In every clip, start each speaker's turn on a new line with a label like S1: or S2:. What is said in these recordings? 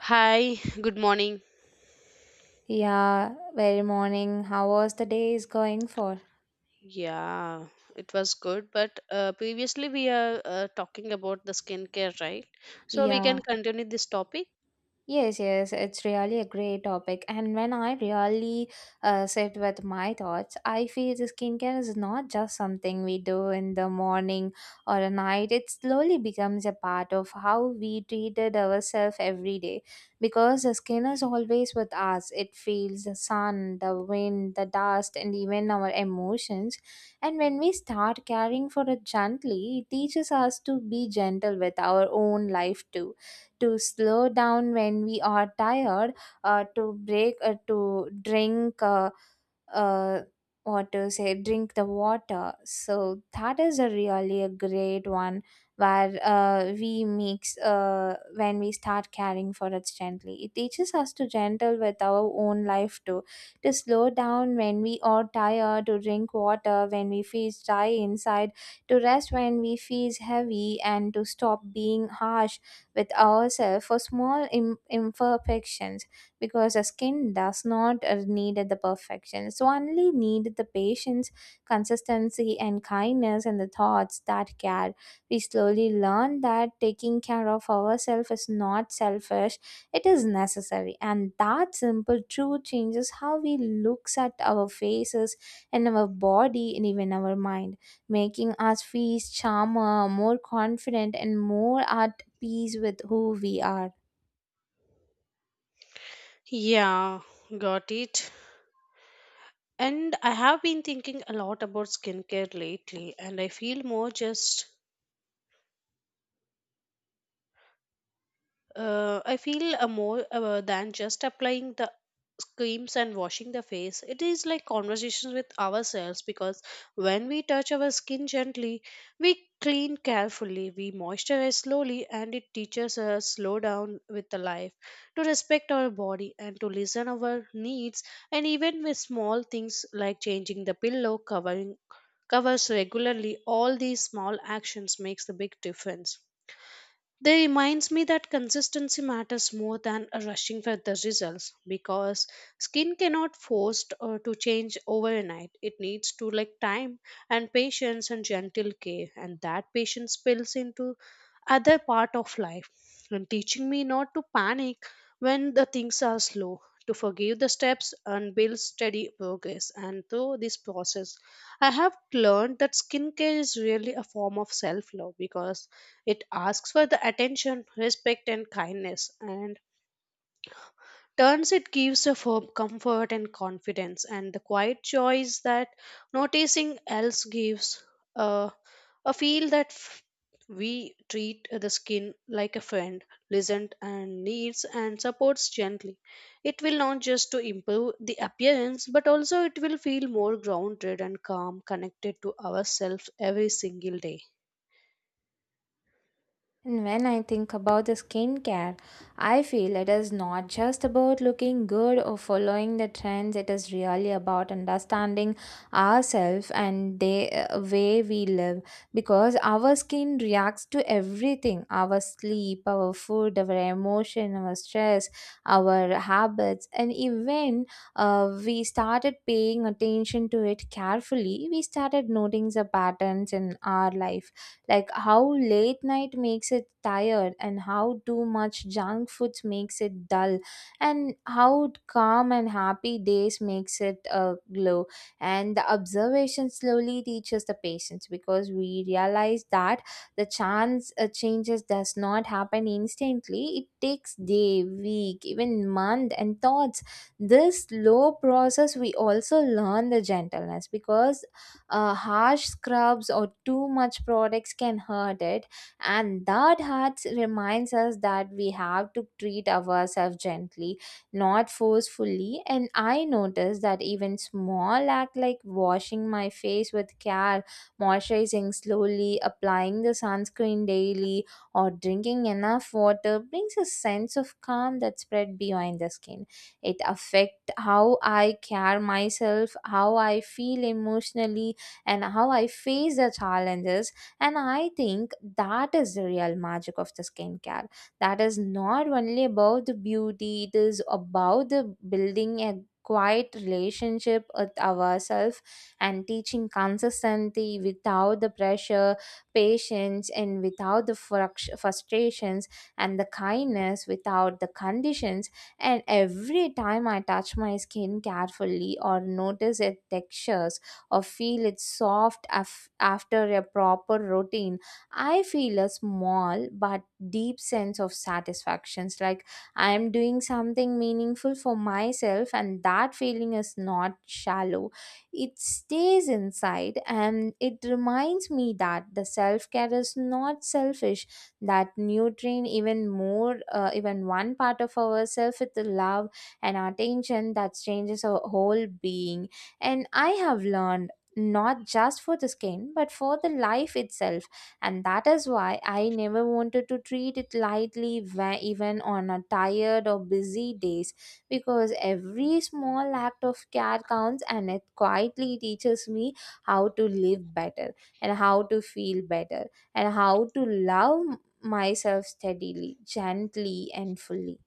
S1: Hi, good morning.
S2: Yeah, very morning. How was the day is going for?
S1: Yeah, it was good, but previously we are talking about the skincare, right? So we can
S2: Yeah,
S1: continue this topic.
S2: Yes, it's really a great topic. And when I really sit with my thoughts, I feel the skincare is not just something we do in the morning or at night. It slowly becomes a part of how we treated ourselves every day. Because the skin is always with us. It feels the sun, the wind, the dust, and even our emotions. And when we start caring for it gently, it teaches us to be gentle with our own life too, to slow down when we are tired, to break, to drink, uh, what to say, drink the water. So that is a really a great one where we mix when we start caring for it gently. It teaches us to gentle with our own life too, to slow down when we are tired, to drink water when we feel dry inside, to rest when we feel heavy, and to stop being harsh with ourselves for small imperfections, because the skin does not need the perfection. So only need the patience, consistency, and kindness and the thoughts that care. We slowly learn that taking care of ourselves is not selfish, it is necessary. And that simple truth changes how we looks at our faces and our body and even our mind, making us feel calmer, more confident, and more at peace with who we are.
S1: Yeah, got it. And I have been thinking a lot about skincare lately, and I feel more just I feel a more than just applying the creams and washing the face. It is like conversations with ourselves, because when we touch our skin gently, we clean carefully, we moisturize slowly, and it teaches us slow down with the life, to respect our body and to listen our needs, and even with small things like changing the pillow covering covers regularly, all these small actions makes the big difference. They reminds me that consistency matters more than a rushing for the results, because skin cannot forced to change overnight. It needs to like time and patience and gentle care, and that patience spills into other part of life and teaching me not to panic when the things are slow, to forgive the steps and build steady progress, and through this process I have learned that skincare is really a form of self love, because it asks for the attention, respect, and kindness, and turns it gives a firm comfort and confidence, and the quiet joy is that noticing else gives a, a feel that f- we treat the skin like a friend, listened and needs and supports gently. It will not just to improve the appearance, but also it will feel more grounded and calm, connected to ourselves every single day.
S2: And when I think about the skincare, I feel it is not just about looking good or following the trends. It is really about understanding ourselves and the way we live, because our skin reacts to everything, our sleep, our food, our emotion, our stress, our habits, and even we started paying attention to it carefully, we started noticing the patterns in our life, like how late night makes it tired and how too much junk food makes it dull and how calm and happy days makes it glow, and the observation slowly teaches the patience because we realize that the chance changes does not happen instantly, it takes day, week, even month, and thoughts this slow process we also learn the gentleness because harsh scrubs or too much products can hurt it, and that hurts reminds us that we have to treat ourselves gently, not forcefully. And I notice that even small act like washing my face with care, moisturizing slowly, applying the sunscreen daily, or drinking enough water brings a sense of calm that spread beyond the skin. It affect how I care myself, how I feel emotionally, and how I face the challenges. And I think that is the real magic of the skincare. That is not only about the beauty, it is about the building a quiet relationship with ourselves and teaching consistency without the pressure, patience, and without the frustrations, and the kindness without the conditions. And every time I touch my skin carefully or notice its textures or feel it's soft after a proper routine, I feel a small but deep sense of satisfactions, like I am doing something meaningful for myself, and that feeling is not shallow. It stays inside and it reminds me that the self-care is not selfish, that nutrient even more even one part of ourself with the love and attention that changes our whole being, and I have learned not just for the skin but for the life itself. And that is why I never wanted to treat it lightly, even on a tired or busy days, because every small act of care counts and it quietly teaches me how to live better and how to feel better and how to love myself steadily, gently, and fully.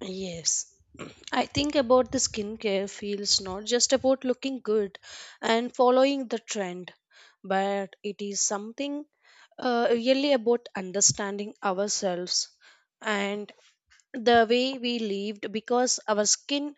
S1: Yes. I think about the skincare feels not just about looking good and following the trend, but it is something really about understanding ourselves and the way we lived, because our skin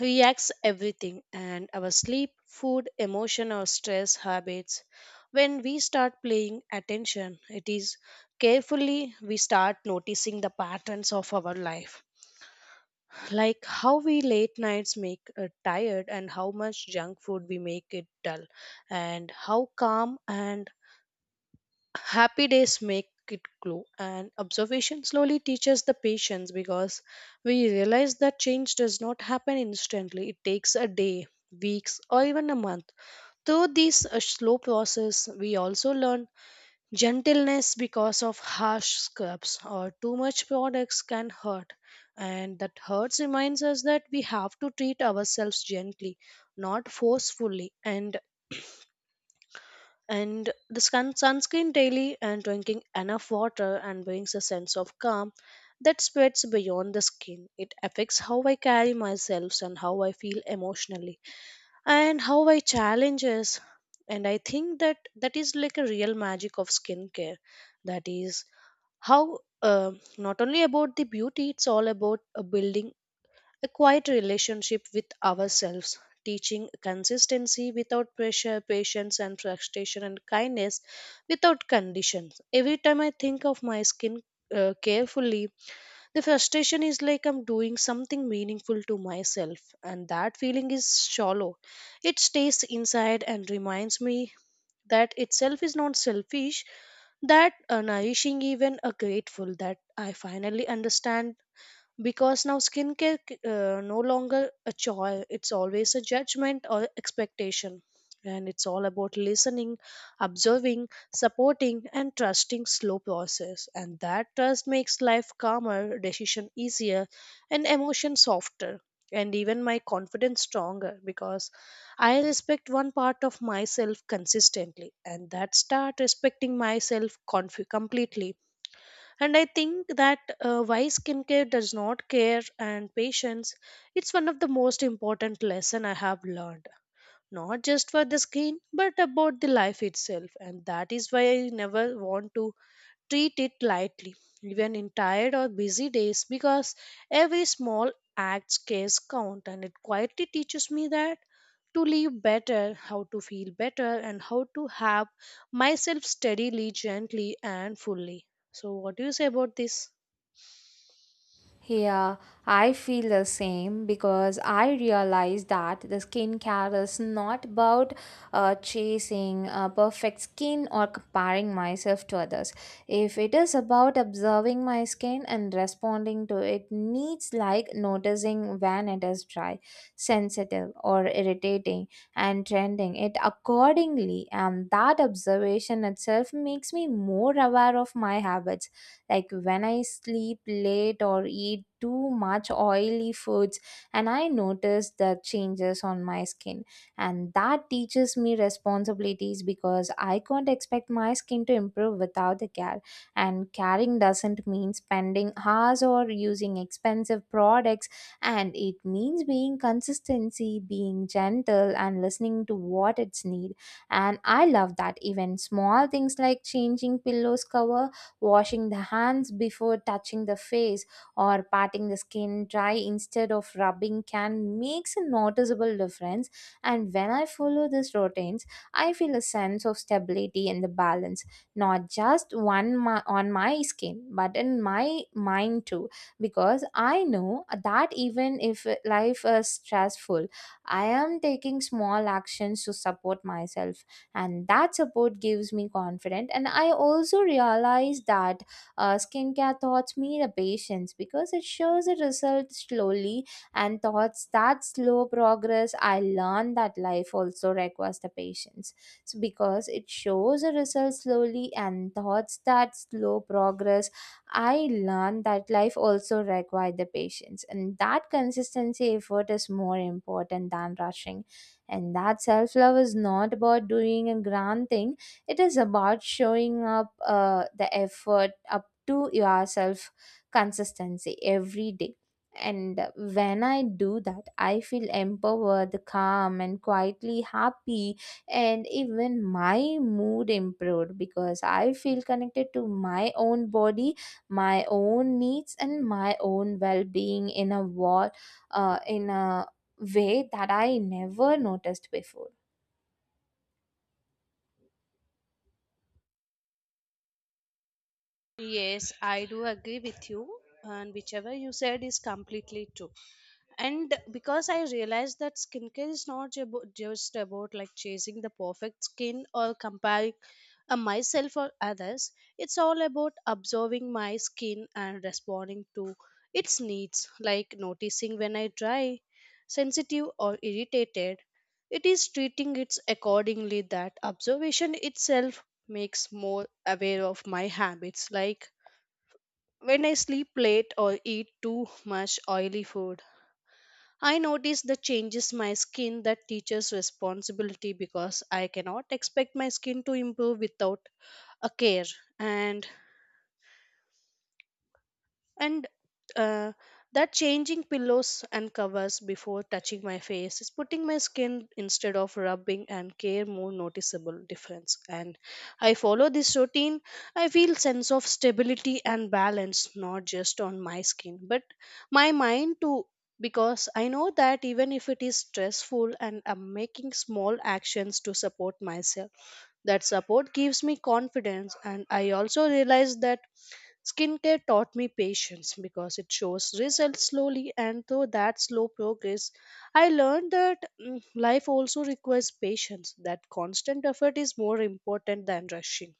S1: reacts everything, and our sleep, food, emotion or stress habits. When we start paying attention, it is carefully we start noticing the patterns of our life, like how we late nights make it tired and how much junk food we make it dull and how calm and happy days make it glow, and observation slowly teaches the patience, because we realize that change does not happen instantly. It takes a day, weeks or even a month. Through this slow process we also learn gentleness, because of harsh scrubs or too much products can hurt, and that hurts reminds us that we have to treat ourselves gently, not forcefully, and the sunscreen daily and drinking enough water and brings a sense of calm that spreads beyond the skin. It affects how I carry myself and how I feel emotionally and how I challenges. And I think that is like a real magic of skincare. That is how not only about the beauty, it's all about building a quiet relationship with ourselves, teaching consistency without pressure, patience and frustration, and kindness without conditions. Every time I think of my skin carefully, the frustration is like I'm doing something meaningful to myself, and that feeling is shallow. It stays inside and reminds me that itself is not selfish, that nourishing even a grateful that I finally understand, because now skincare no longer a choice. It's always a judgment or expectation, and it's all about listening, observing, supporting and trusting slow process, and that trust makes life calmer, decision easier, and emotion softer, and even my confidence stronger, because I respect one part of myself consistently and that start respecting myself completely. And I think that why skincare does not care and patience, it's one of the most important lesson I have learned, not just for the skin, but about the life itself. And that is why I never want to treat it lightly, even in tired or busy days, because every small act case count, and it quietly teaches me that to live better, how to feel better, and how to have myself steadily, gently, and fully. So, what do you say about this?
S2: Yeah, I feel the same because I realize that the skincare is not about chasing perfect skin or comparing myself to others. If it is about observing my skin and responding to it needs, like noticing when it is dry, sensitive or irritating, and trending it accordingly. And that observation itself makes me more aware of my habits, like when I sleep late or eat too much oily foods, and I notice the changes on my skin, and that teaches me responsibilities because I can't expect my skin to improve without the care, and caring doesn't mean spending hours or using expensive products, and it means being consistency, being gentle, and listening to what it's need. And I love that even small things like changing pillows cover, washing the hands before touching the face, or patting the skin dry instead of rubbing can makes a noticeable difference. And when I follow these routines, I feel a sense of stability and the balance, not just on my skin but in my mind too, because I know that even if life is stressful, I am taking small actions to support myself, and that support gives me confidence. And I also realize that skincare taught me the patience because it shows the result slowly, and thoughts that slow progress I learned that life also requires the patience. So because it shows the result slowly and thoughts that slow progress, I learned that life also required the patience, and that consistency effort is more important than rushing, and that self love is not about doing a grand thing, it is about showing up the effort up to yourself consistency every day. And when I do that, I feel empowered, calm, and quietly happy. And even my mood improved because I feel connected to my own body, my own needs, and my own well being, in a way that I never noticed before.
S1: Yes, I do agree with you, and whichever you said is completely true. And because I realized that skincare is not just about like chasing the perfect skin or comparing myself or others. It's all about observing my skin and responding to its needs, like noticing when I dry, sensitive or irritated. It is treating it accordingly. That observation itself makes more aware of my habits, like when I sleep late or eat too much oily food, I notice the changes my skin. That teaches responsibility, because I cannot expect my skin to improve without a care. And and uh, that changing pillows and covers before touching my face is putting my skin instead of rubbing and care more noticeable difference, and I follow this routine, I feel sense of stability and balance, not just on my skin but my mind too, because I know that even if it is stressful and I'm making small actions to support myself, that support gives me confidence. And I also realize that skincare taught me patience, because it shows results slowly, and through that slow progress, I learned that life also requires patience, that constant effort is more important than rushing.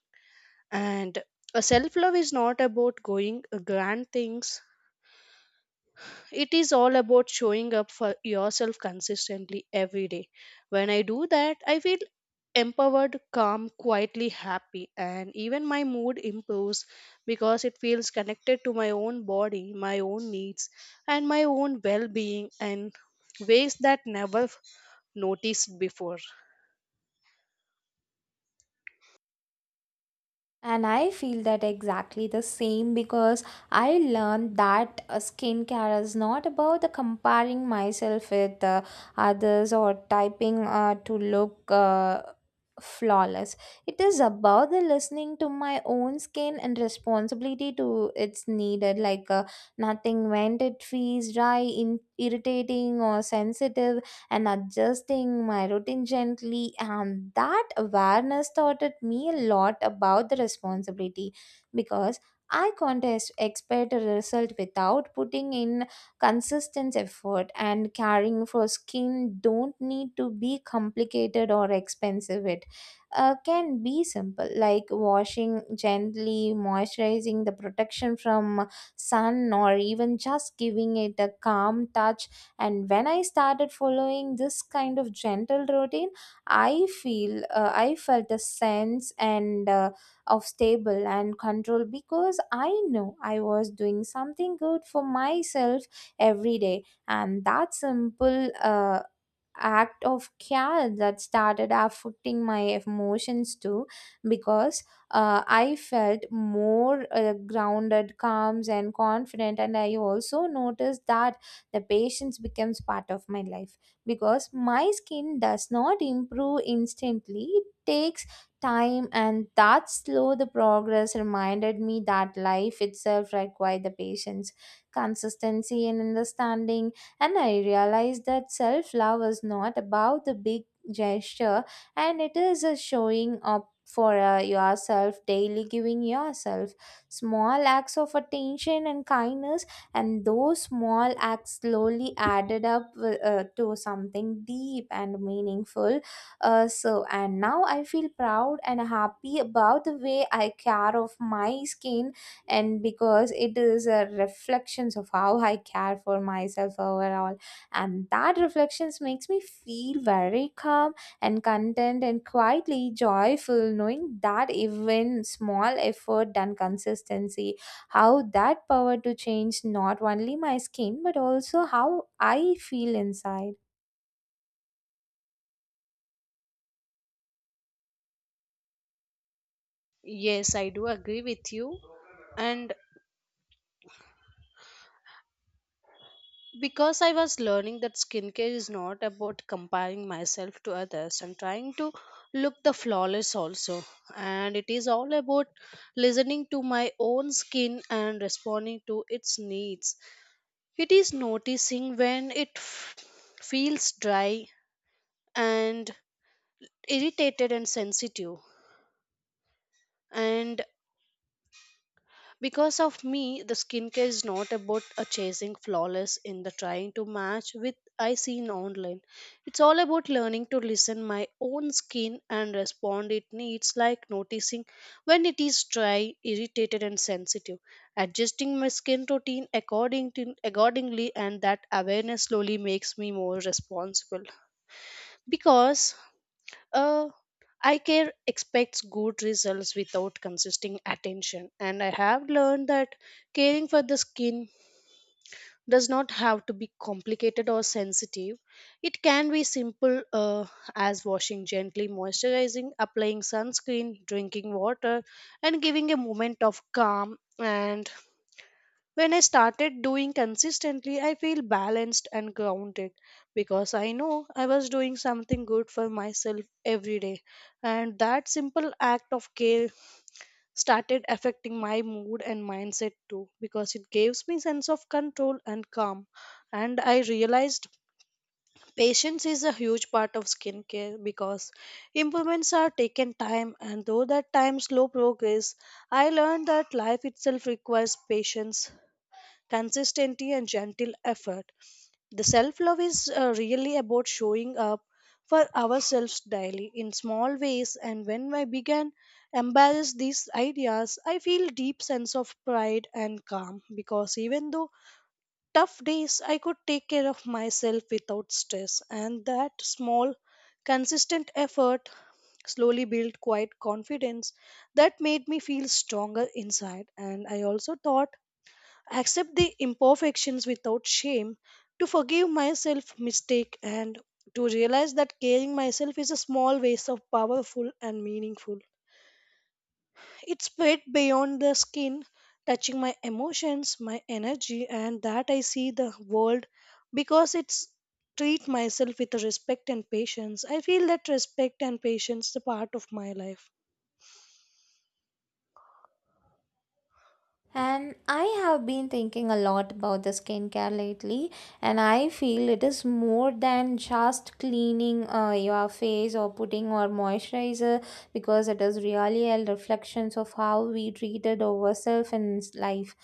S1: And self love is not about going grand things, it is all about showing up for yourself consistently every day. When I do that, I feel empowered, calm, quietly happy, and even my mood improves, because it feels connected to my own body, my own needs, and my own well being, in ways that never noticed before.
S2: And I feel that exactly the same because I learned that skincare is not about the comparing myself with others or typing to look flawless. It is about the listening to my own skin and responsibility to its needed. Like nothing when it feels dry, irritating, or sensitive, and adjusting my routine gently. And that awareness taught me a lot about the responsibility because I can't expect a result without putting in consistent effort, and caring for skin don't need to be complicated or expensive, it can be simple, like washing gently, moisturizing, the protection from sun, or even just giving it a calm touch. And when I started following this kind of gentle routine, I felt a sense and of stable and control because I know I was doing something good for myself every day. And that simple act of care that started affecting my emotions too, because I felt more grounded, calm, and confident. And I also noticed that the patience becomes part of my life because my skin does not improve instantly, it takes time, and that slow the progress reminded me that life itself requires the patience, consistency, and understanding. And I realized that self love is not about the big gesture, and it is a showing up for yourself daily, giving yourself small acts of attention and kindness, and those small acts slowly added up to something deep and meaningful. Uh, so and now I feel proud and happy about the way I care of my skin, and because it is a reflections of how I care for myself overall, and that reflections makes me feel very calm and content and quietly joyful, knowing that even small effort and consistency how that power to change not only my skin but also how I feel inside.
S1: Yes, I do agree with you. And because I was learning that skincare is not about comparing myself to others and trying to look the flawless also. And it is all about listening to my own skin and responding to its needs. It is noticing when feels dry and irritated and sensitive. And because of me, the skincare is not about a chasing flawless in the trying to match with I seen online. It's all about learning to listen my own skin and respond it needs, like noticing when it is dry, irritated and sensitive, adjusting my skin routine according to accordingly. And that awareness slowly makes me more responsible, because uh, eye care expects good results without consistent attention. And I have learned that caring for the skin does not have to be complicated or sensitive. It can be simple as washing gently, moisturizing, applying sunscreen, drinking water, and giving a moment of calm. And when I started doing consistently, I feel balanced and grounded, because I know I was doing something good for myself every day. And that simple act of care started affecting my mood and mindset too, because it gives me sense of control and calm. And I realized patience is a huge part of skincare, because improvements are taken time, and though that time slow progress, I learned that life itself requires patience, consistency, and gentle effort. The self love is really about showing up for ourselves daily in small ways. And when I began embrace these ideas, I feel deep sense of pride and calm, because even though tough days, I could take care of myself without stress. And that small, consistent effort slowly built quiet confidence that made me feel stronger inside. And I also thought accept the imperfections without shame, to forgive myself mistake, and to realize that caring myself is a small ways of powerful and meaningful. It spread beyond the skin, touching my emotions, my energy, and that I see the world, because it's treat myself with respect and patience. I feel that respect and patience is a part of my life.
S2: And I have been thinking a lot about the skincare lately, and I feel it is more than just cleaning your face or putting on moisturizer, because it is really a reflection of how we treated ourselves in life.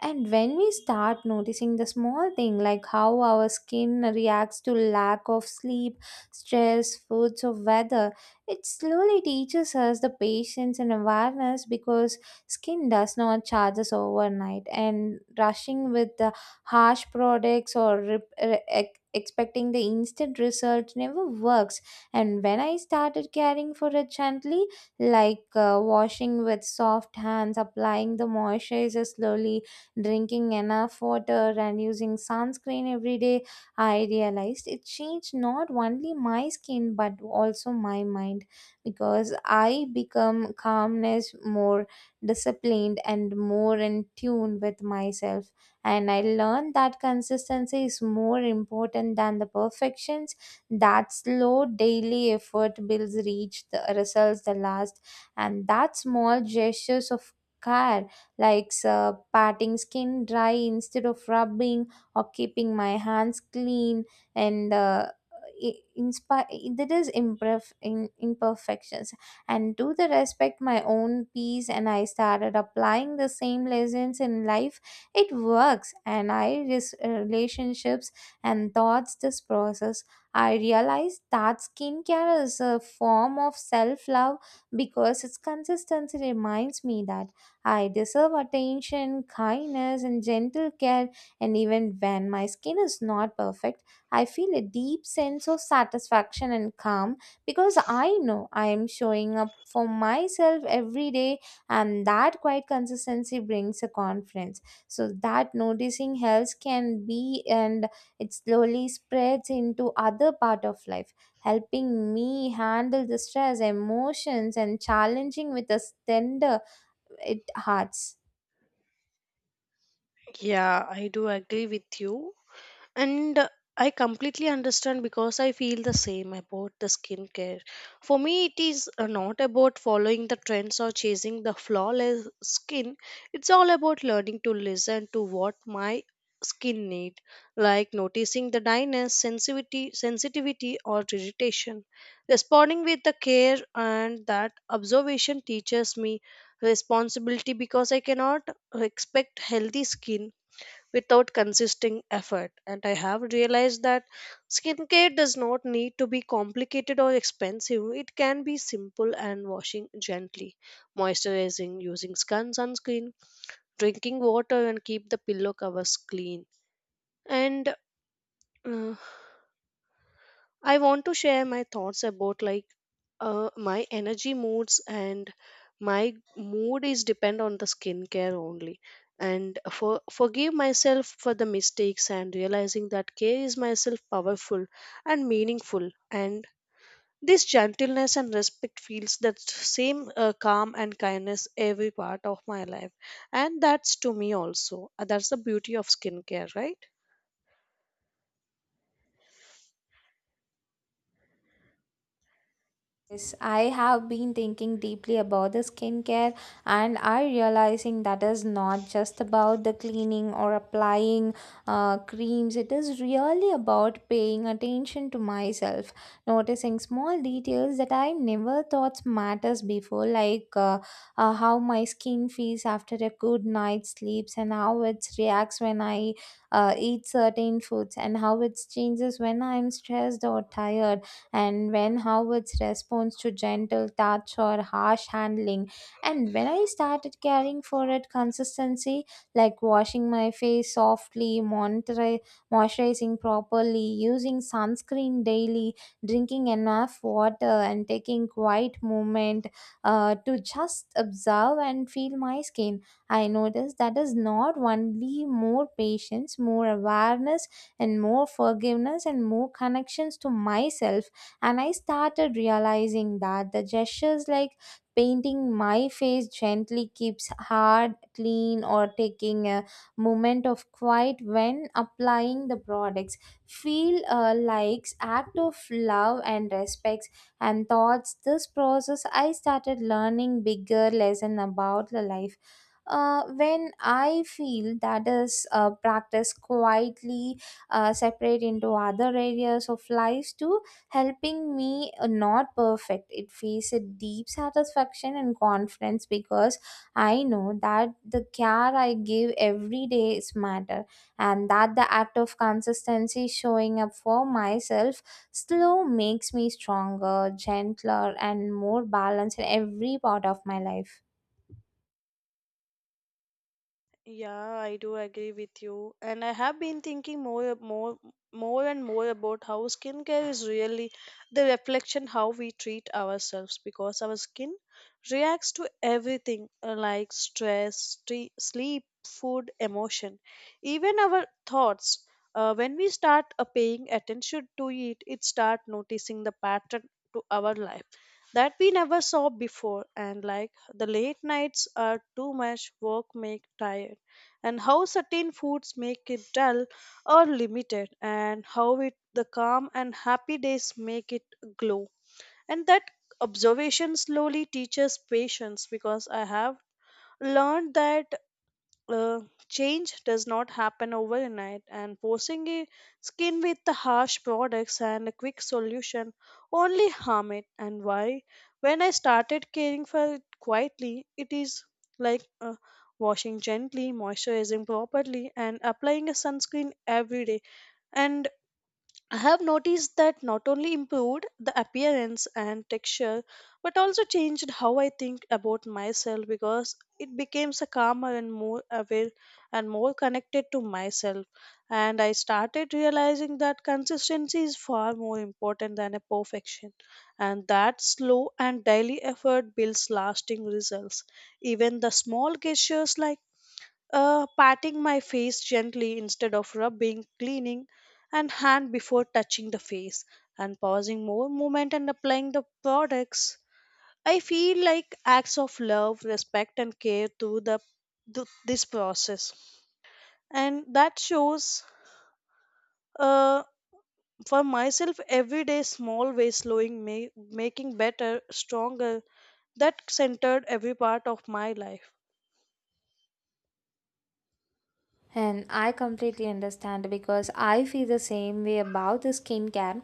S2: And when we start noticing the small thing like how our skin reacts to lack of sleep, stress, foods or weather, it slowly teaches us the patience and awareness because skin does not charge us overnight, and rushing with the harsh products or expecting the instant result never works. And when I started caring for it gently, like washing with soft hands, applying the moisturizer slowly, drinking enough water, and using sunscreen every day, I realized it changed not only my skin but also my mind, because I become calmness, more disciplined, and more in tune with myself. And I learned that consistency is more important than the perfections. That slow daily effort builds reach the results the last, and that small gestures of care like patting skin dry instead of rubbing or keeping my hands clean and inspire that is imperfections and do the respect my own peace. And I started applying the same lessons in life. It works and relationships and thoughts this process. I realized that skincare is a form of self-love because its consistency reminds me that I deserve attention, kindness, and gentle care, and even when my skin is not perfect, I feel a deep sense of satisfaction and calm because I know I am showing up for myself every day, and that quiet consistency brings a confidence. So that noticing helps can be and it slowly spreads into other part of life, helping me handle the stress emotions and challenging with a tender it hurts.
S1: Yeah, I do agree with you. And I completely understand, because I feel the same about the skincare. For me, it is not about following the trends or chasing the flawless skin. It's all about learning to listen to what my skin need, like noticing the dryness, sensitivity or irritation, responding with the care. And that observation teaches me responsibility, because I cannot expect healthy skin without consistent effort. And I have realized that skincare does not need to be complicated or expensive. It can be simple and washing gently, moisturizing, using sunscreen, drinking water, and keep the pillow covers clean. And uh, I want to share my thoughts about like my energy moods, and my mood is depend on the skincare only. And for forgive myself for the mistakes and realizing that care is myself powerful and meaningful. And this gentleness and respect feels that same calm and kindness every part of my life. And that's to me also, that's the beauty of skincare, right?
S2: Yes, I have been thinking deeply about the skincare and I realizing that is not just about the cleaning or applying creams. It is really about paying attention to myself, noticing small details that I never thought matters before, like how my skin feels after a good night's sleeps and how it reacts when I eat certain foods and how it changes when I am stressed or tired and when how its response to gentle touch or harsh handling. And when I started caring for it consistency, like washing my face softly, moisturizing properly, using sunscreen daily, drinking enough water, and taking quiet moment to just observe and feel my skin. I noticed that is not only more patience, more awareness, and more forgiveness, and more connections to myself, and I started realizing that the gestures like painting my face gently keeps hard clean or taking a moment of quiet when applying the products feel like act of love and respects. And thoughts this process, I started learning bigger lesson about the life. When I feel that is practice quietly, separate into other areas of lives too, helping me not perfect, it feels a deep satisfaction and confidence because I know that the care I give every day is matter, and that the act of consistency showing up for myself still makes me stronger gentler and more balanced in every part of my life.
S1: Yeah, I do agree with you. And I have been thinking more and more about how skincare is really the reflection how we treat ourselves, because our skin reacts to everything, like stress, sleep, food, emotion, even our thoughts. When we start paying attention to it, it start noticing the pattern to our life that we never saw before, and like the late nights are too much work make tired, and how certain foods make it dull or limited, and how the calm and happy days make it glow. And that observation slowly teaches patience, because I have learned that uh, change does not happen overnight, and forcing a skin with the harsh products and a quick solution only harm it. And why when I started caring for it quietly, it is like washing gently, moisturizing properly and applying a sunscreen every day. And I have noticed that not only improved the appearance and texture, but also changed how I think about myself, because it becomes a calmer and more aware and more connected to myself. And I started realizing that consistency is far more important than a perfection, and that slow and daily effort builds lasting results. Even the small gestures like patting my face gently instead of rubbing, cleaning, and hand before touching the face, and pausing more movement and applying the products. I feel like acts of love, respect, and care through this process, and that shows uh, for myself every day small ways, slowing me, making better, stronger. That centered every part of my life.
S2: And I completely understand because I feel the same way about the skincare.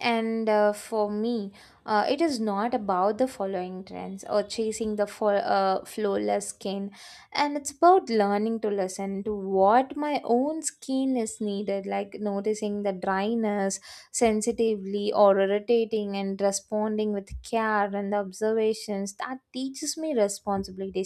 S2: And for me, it is not about the following trends or chasing the flawless skin. And it's about learning to listen to what my own skin is needed, like noticing the dryness sensitively or irritating and responding with care and observations. That teaches me responsibility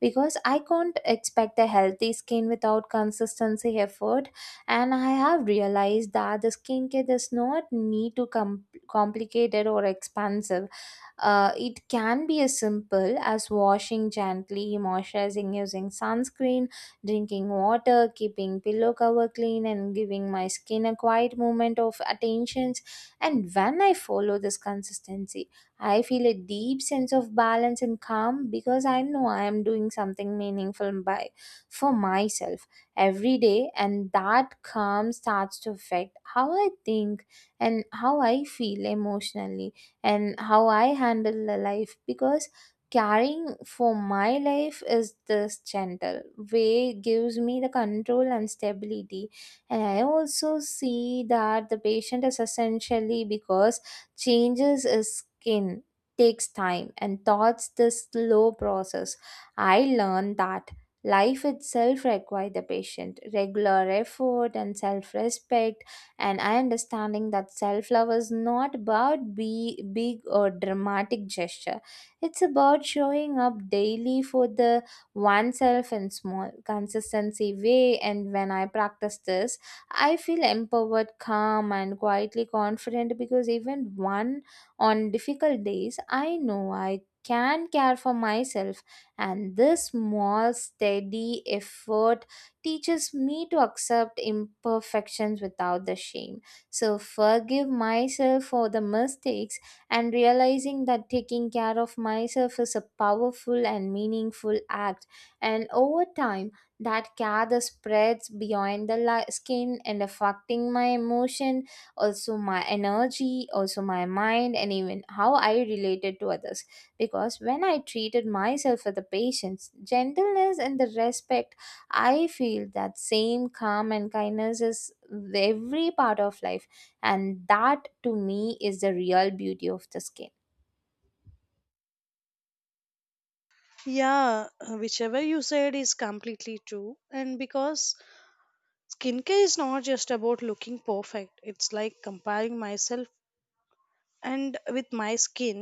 S2: because I can't expect a healthy skin without consistency effort. And I have realized that the skincare does not need to complicated or expensive. It can be as simple as washing gently, moisturizing using sunscreen, drinking water, keeping pillow cover clean, and giving my skin a quiet moment of attentions. And when I follow this consistency, I feel a deep sense of balance and calm because I know I am doing something meaningful by for myself every day, and that calm starts to affect how I think and how I feel emotionally and how I handle the life because caring for my life is this gentle way gives me the control and stability. And I also see that the patient is essentially because changes is skin takes time. And thoughts this slow process, I learned that life itself requires the patient regular effort and self-respect, and I understanding that self love is not about be big or dramatic gesture. It's about showing up daily for the oneself in small consistency way, and when I practice this, I feel empowered calm and quietly confident because even one on difficult days I know I can care for myself, and this small steady effort teaches me to accept imperfections without the shame. So, forgive myself for the mistakes and realizing that taking care of myself is a powerful and meaningful act. And over time, that care that spreads beyond the skin and affecting my emotion, also my energy, also my mind, and even how I related to others. Because when I treated myself with the patience, gentleness, and the respect, I feel that same calm and kindness is with every part of life, and that to me is the real beauty of the skin.
S1: Yeah, whichever you said is completely true. And because skincare is not just about looking perfect, it's like comparing myself and with my skin,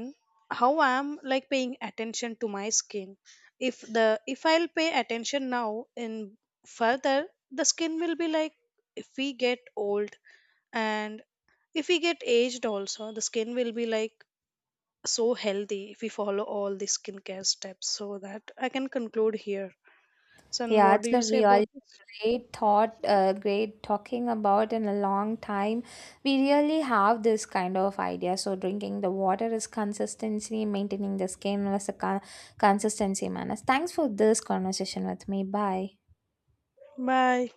S1: how I'm like paying attention to my skin. If the if I'll pay attention now in further, the skin will be like, if we get old, and if we get aged also, the skin will be like so healthy if we follow all the skincare steps. So that I can conclude here. Son,
S2: Yeah,
S1: what do
S2: it's
S1: you
S2: a
S1: say
S2: real
S1: about this?
S2: great thought, great talking about in a long time. We really have this kind of idea. So drinking the water is consistency, maintaining the skin was a consistency manners. Thanks for this conversation with me. Bye.
S1: Bye.